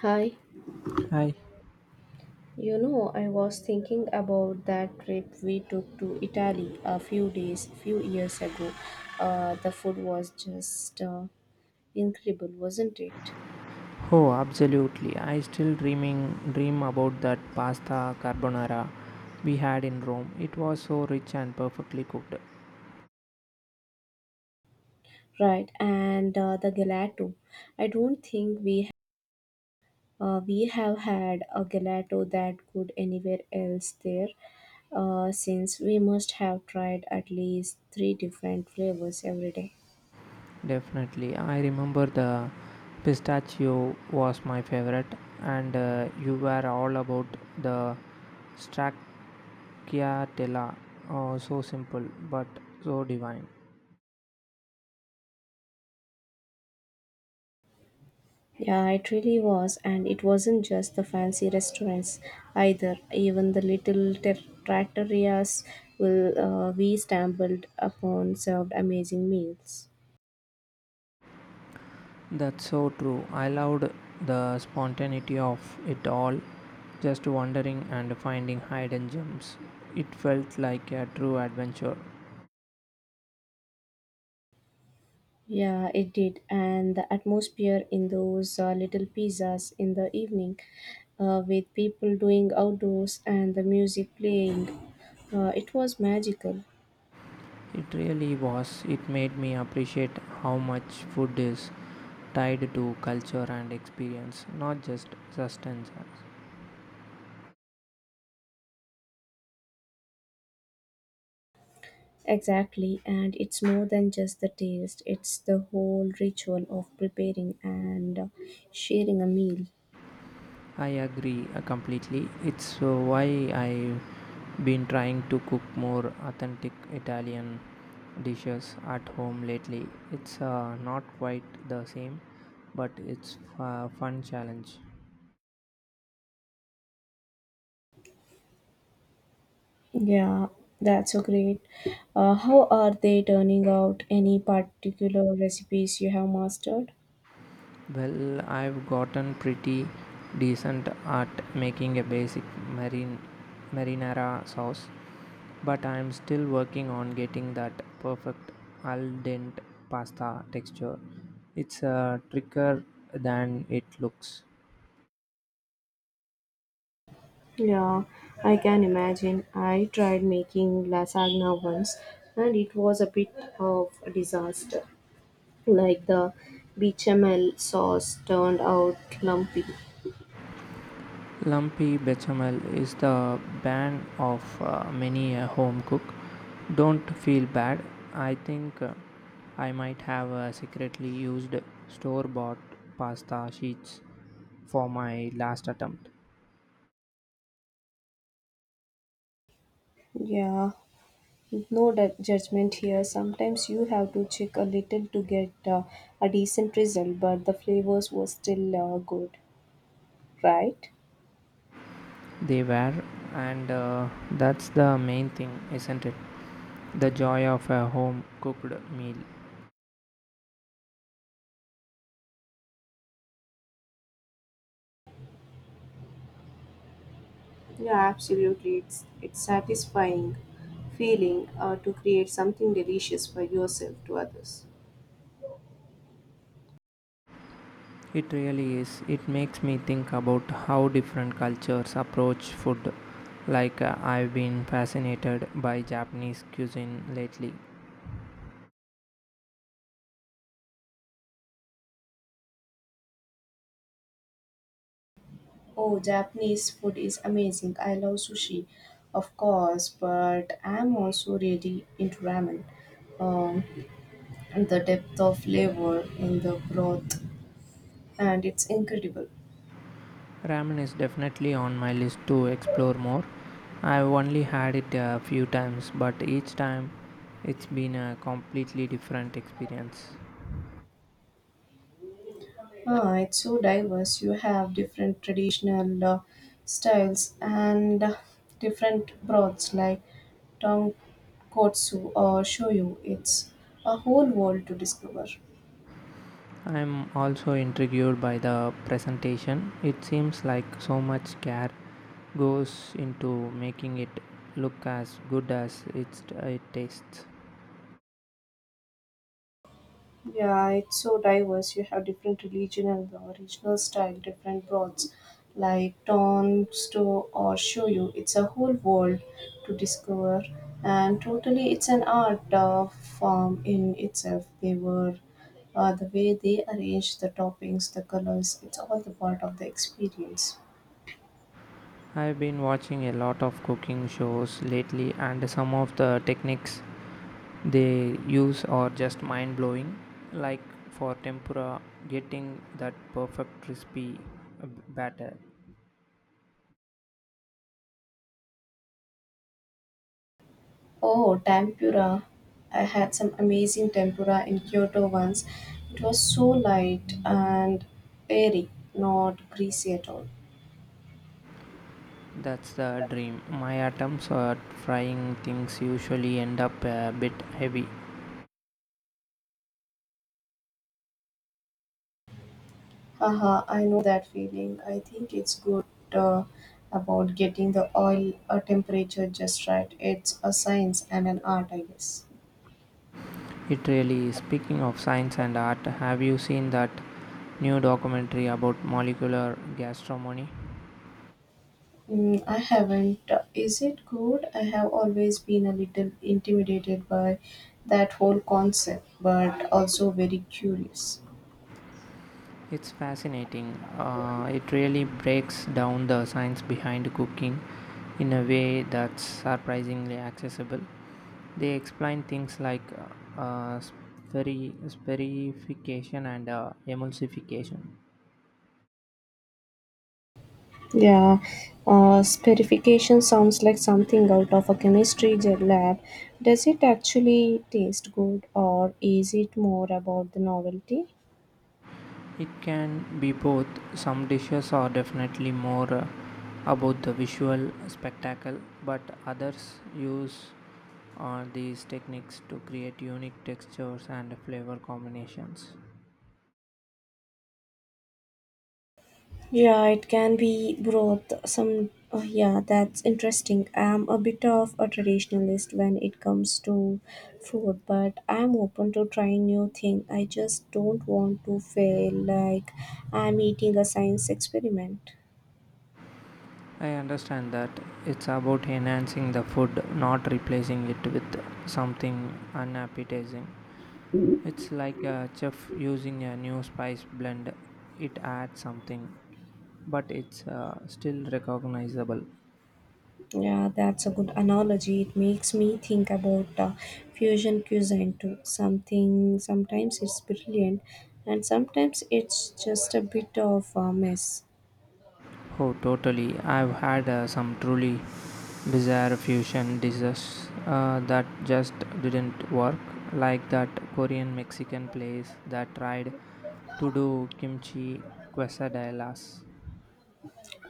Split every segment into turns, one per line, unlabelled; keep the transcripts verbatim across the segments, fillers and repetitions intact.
Hi,
Hi.
you know, I was thinking about that trip we took to Italy a few days, few years ago. Uh, the food was just uh, incredible, wasn't it?
Oh, absolutely. I still dreaming dream about that pasta carbonara we had in Rome. It was so rich and perfectly cooked.
Right, and uh, the gelato. I don't think we uh, We have had a gelato that good anywhere else there. Uh, since we must have tried at least three different flavors every day.
Definitely. I remember the pistachio was my favorite and uh, you were all about the stracciatella. Oh, so simple but so divine.
Yeah, it really was, and it wasn't just the fancy restaurants either. Even the little ter- trattorias will uh, we stumbled upon served amazing meals.
That's so true. I loved the spontaneity of it all, just wandering and finding hidden gems. It felt like a true adventure.
Yeah, it did, and the atmosphere in those uh, little pizzas in the evening, uh, with people doing outdoors and the music playing, uh, it was magical.
It really was. It made me appreciate how much food is tied to culture and experience, not just sustenance.
Exactly, and it's more than just the taste, it's the whole ritual of preparing and uh, sharing a meal.
I agree uh, completely. It's uh, why I've been trying to cook more authentic Italian dishes at home lately. It's uh, not quite the same, but it's a fun challenge.
Yeah, that's so great. Uh, how are they turning out? Any particular recipes you have mastered?
Well, I've gotten pretty decent at making a basic marine marinara sauce, but I'm still working on getting that perfect al dente pasta texture. It's a trickier than it looks.
Yeah, I can imagine. I tried making lasagna once and it was a bit of a disaster. Like the bechamel sauce turned out lumpy.
Lumpy bechamel is the bane of uh, many a home cook. Don't feel bad. I think uh, I might have uh, secretly used store bought pasta sheets for my last attempt.
Yeah, No de- judgment here. Sometimes you have to check a little to get uh, a decent result, but the flavors were still uh, good, right?
They were, and uh, that's the main thing, isn't it? The joy of a home cooked meal.
Yeah, absolutely. It's it's satisfying feeling uh, to create something delicious for yourself to others.
It really is. It makes me think about how different cultures approach food. Like, uh, I've been fascinated by Japanese cuisine lately.
Oh, Japanese food is amazing. I love sushi, of course, but I'm also really into ramen. Um, and the depth of flavor in the broth, and it's incredible.
Ramen is definitely on my list to explore more. I've only had it a few times, but each time it's been a completely different experience.
Ah, it's so diverse. You have different traditional uh, styles and uh, different broths like tonkotsu or shoyu. It's a whole world to discover.
I'm also intrigued by the presentation. It seems like so much care goes into making it look as good as it's, it tastes.
Yeah, it's so diverse. You have different religion and the original style, different broads like tones to or show you. It's a whole world to discover, and totally, it's an art uh, form in itself. They were uh, the way they arrange the toppings, the colors. It's all the part of the experience.
I've been watching a lot of cooking shows lately, and some of the techniques they use are just mind blowing. Like for tempura, getting that perfect crispy uh, batter.
Oh, tempura. I had some amazing tempura in Kyoto once. It was so light and airy, not greasy at all.
That's the dream. My attempts at frying things usually end up a bit heavy.
Haha, I know that feeling. I think it's good uh, about getting the oil uh, temperature just right. It's a science and an art, I guess.
It really is. Speaking of science and art, have you seen that new documentary about molecular gastronomy?
Mm, I haven't. Is it good? I have always been a little intimidated by that whole concept, but also very curious.
It's fascinating. Uh, it really breaks down the science behind cooking in a way that's surprisingly accessible. They explain things like uh, uh, speri- sperification and uh, emulsification.
Yeah, uh, spherification sounds like something out of a chemistry j- lab. Does it actually taste good, or is it more about the novelty?
It can be both. Some dishes are definitely more uh, about the visual spectacle, but others use uh, these techniques to create unique textures and flavor combinations.
Yeah, it can be both. Some, oh, yeah, that's interesting. I'm a bit of a traditionalist when it comes to food, but I'm open to trying new thing. I just don't want to feel like I'm eating a science experiment.
I understand that it's about enhancing the food, not replacing it with something unappetizing. It's like a chef using a new spice blend, it adds something, but it's uh, still recognizable.
Yeah, that's a good analogy. It makes me think about uh, fusion cuisine too. Something sometimes it's brilliant, and sometimes it's just a bit of a mess.
Oh, totally. I've had uh, some truly bizarre fusion dishes uh, that just didn't work, like that Korean Mexican place that tried to do kimchi quesadillas.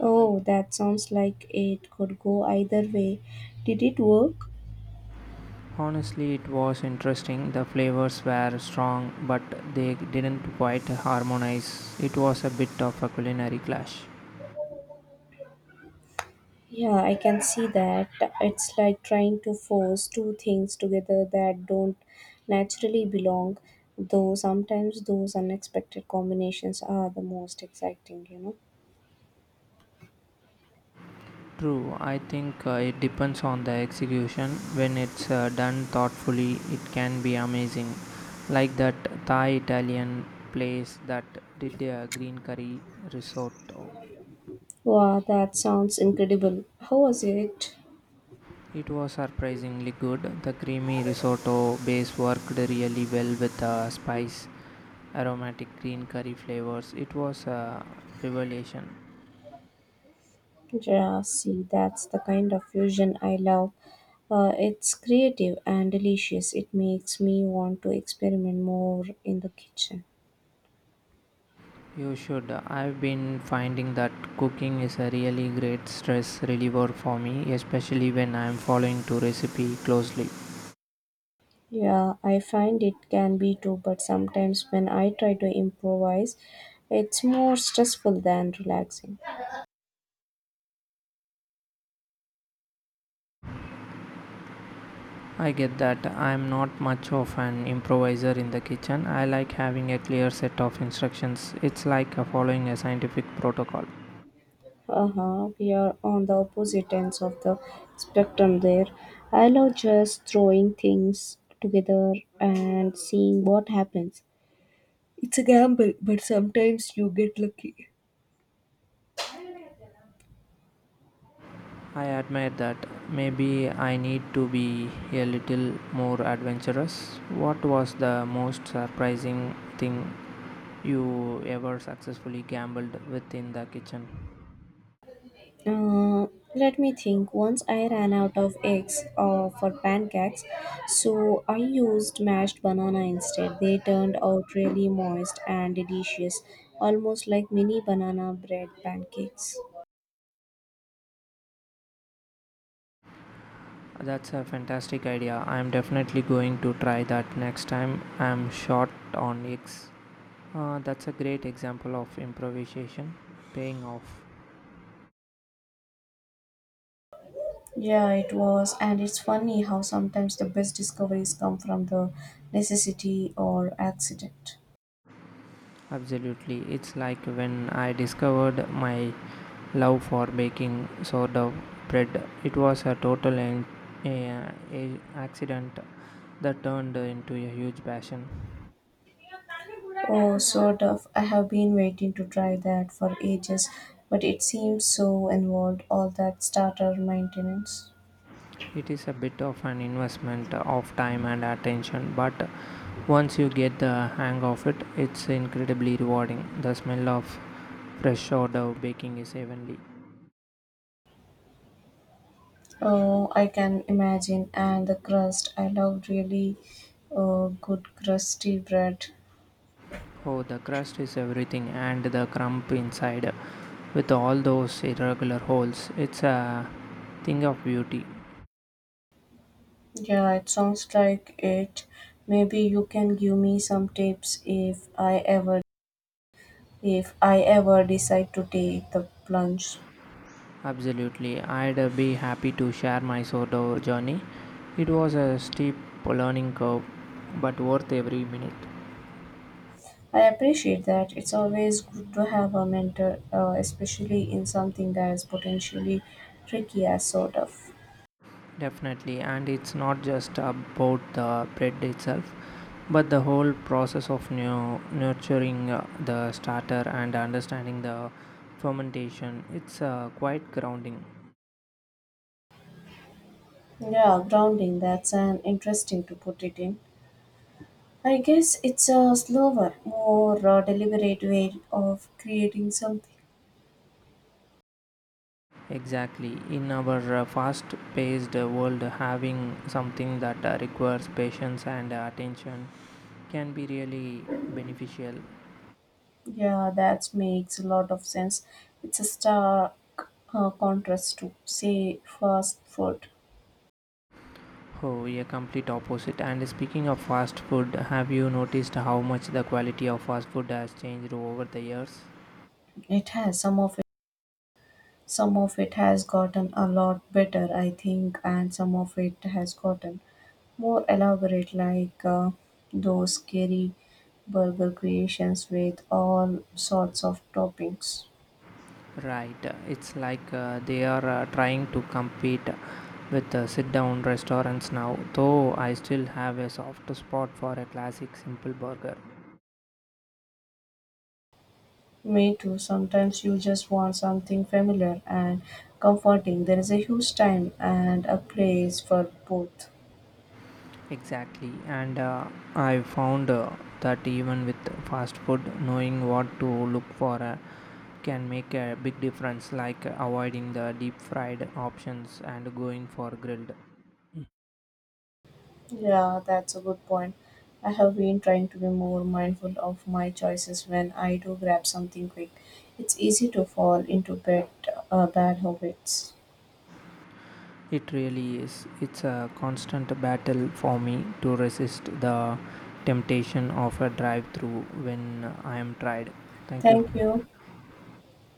Oh, that sounds like it could go either way. Did it work?
Honestly, it was interesting. The flavors were strong, but they didn't quite harmonize. It was a bit of a culinary clash.
Yeah, I can see that. It's like trying to force two things together that don't naturally belong, though sometimes those unexpected combinations are the most exciting, you know.
True, I think uh, it depends on the execution. When it's uh, done thoughtfully, it can be amazing. Like that Thai Italian place that did a green curry risotto.
Wow, that sounds incredible. How was it?
It was surprisingly good. The creamy risotto base worked really well with the spice, aromatic green curry flavors. It was a revelation.
Yeah, see, that's the kind of fusion I love. Uh, it's creative and delicious. It makes me want to experiment more in the kitchen.
You should. I've been finding that cooking is a really great stress reliever for me, especially when I'm following to recipe closely.
Yeah, I find it can be too, but sometimes when I try to improvise, it's more stressful than relaxing.
I get that I'm not much of an improviser in the kitchen. I like having a clear set of instructions. It's like a following a scientific protocol.
Uh-huh. We are on the opposite ends of the spectrum there. I love just throwing things together and seeing what happens. It's a gamble, but sometimes you get lucky.
I admire that. Maybe I need to be a little more adventurous. What was the most surprising thing you ever successfully gambled with in the kitchen?
Uh, Let me think. Once I ran out of eggs uh, for pancakes, so I used mashed banana instead. They turned out really moist and delicious, almost like mini banana bread pancakes.
That's a fantastic idea. I'm definitely going to try that next time I'm short on eggs. Uh, that's a great example of improvisation paying off.
Yeah, it was, and it's funny how sometimes the best discoveries come from the necessity or accident.
Absolutely. It's like when I discovered my love for baking sourdough bread. It was a total an- a- a- accident that turned into a huge passion.
Oh, sort of. I have been waiting to try that for ages, but it seems so involved, all that starter maintenance.
It is a bit of an investment of time and attention, but once you get the hang of it, it's incredibly rewarding. The smell of fresh sourdough d'oeuvre baking is heavenly.
Oh, I can imagine, and the crust. I love really uh, good crusty bread.
Oh, the crust is everything, and the crumb inside with all those irregular holes. It's a thing of beauty.
Yeah, it sounds like it. Maybe you can give me some tips if I ever if I ever decide to take the plunge.
Absolutely, I'd be happy to share my sourdough journey. It was a steep learning curve, but worth every minute.
I appreciate that. It's always good to have a mentor, uh, especially in something that is potentially tricky as sort of.
Definitely, and it's not just about the bread itself, but the whole process of nu- nurturing uh, the starter and understanding the fermentation. It's uh, quite grounding.
Yeah, grounding, that's an interesting to put it in. I guess it's a slower, more uh, deliberate way of creating something.
Exactly. In our uh, fast paced world, having something that uh, requires patience and uh, attention can be really beneficial.
Yeah, that makes a lot of sense. It's a stark uh, contrast to, say, fast food.
Oh, a complete opposite. And speaking of fast food, have you noticed how much the quality of fast food has changed over the years?
It has some of Some of it has gotten a lot better, I think, and some of it has gotten more elaborate, like uh, those scary burger creations with all sorts of toppings.
Right, uh, it's like uh, they are uh, trying to compete with uh, sit down restaurants now, though I still have a soft spot for a classic simple burger.
Me too. Sometimes you just want something familiar and comforting. There is a huge time and a place for both.
Exactly, and uh, I found uh, that even with fast food, knowing what to look for uh, can make a big difference, like avoiding the deep fried options and going for grilled.
Yeah, that's a good point. I have been trying to be more mindful of my choices when I do grab something quick. It's easy to fall into bad, uh, bad habits.
It really is. It's a constant battle for me to resist the temptation of a drive through when I am tired. Thank you.
Thank you.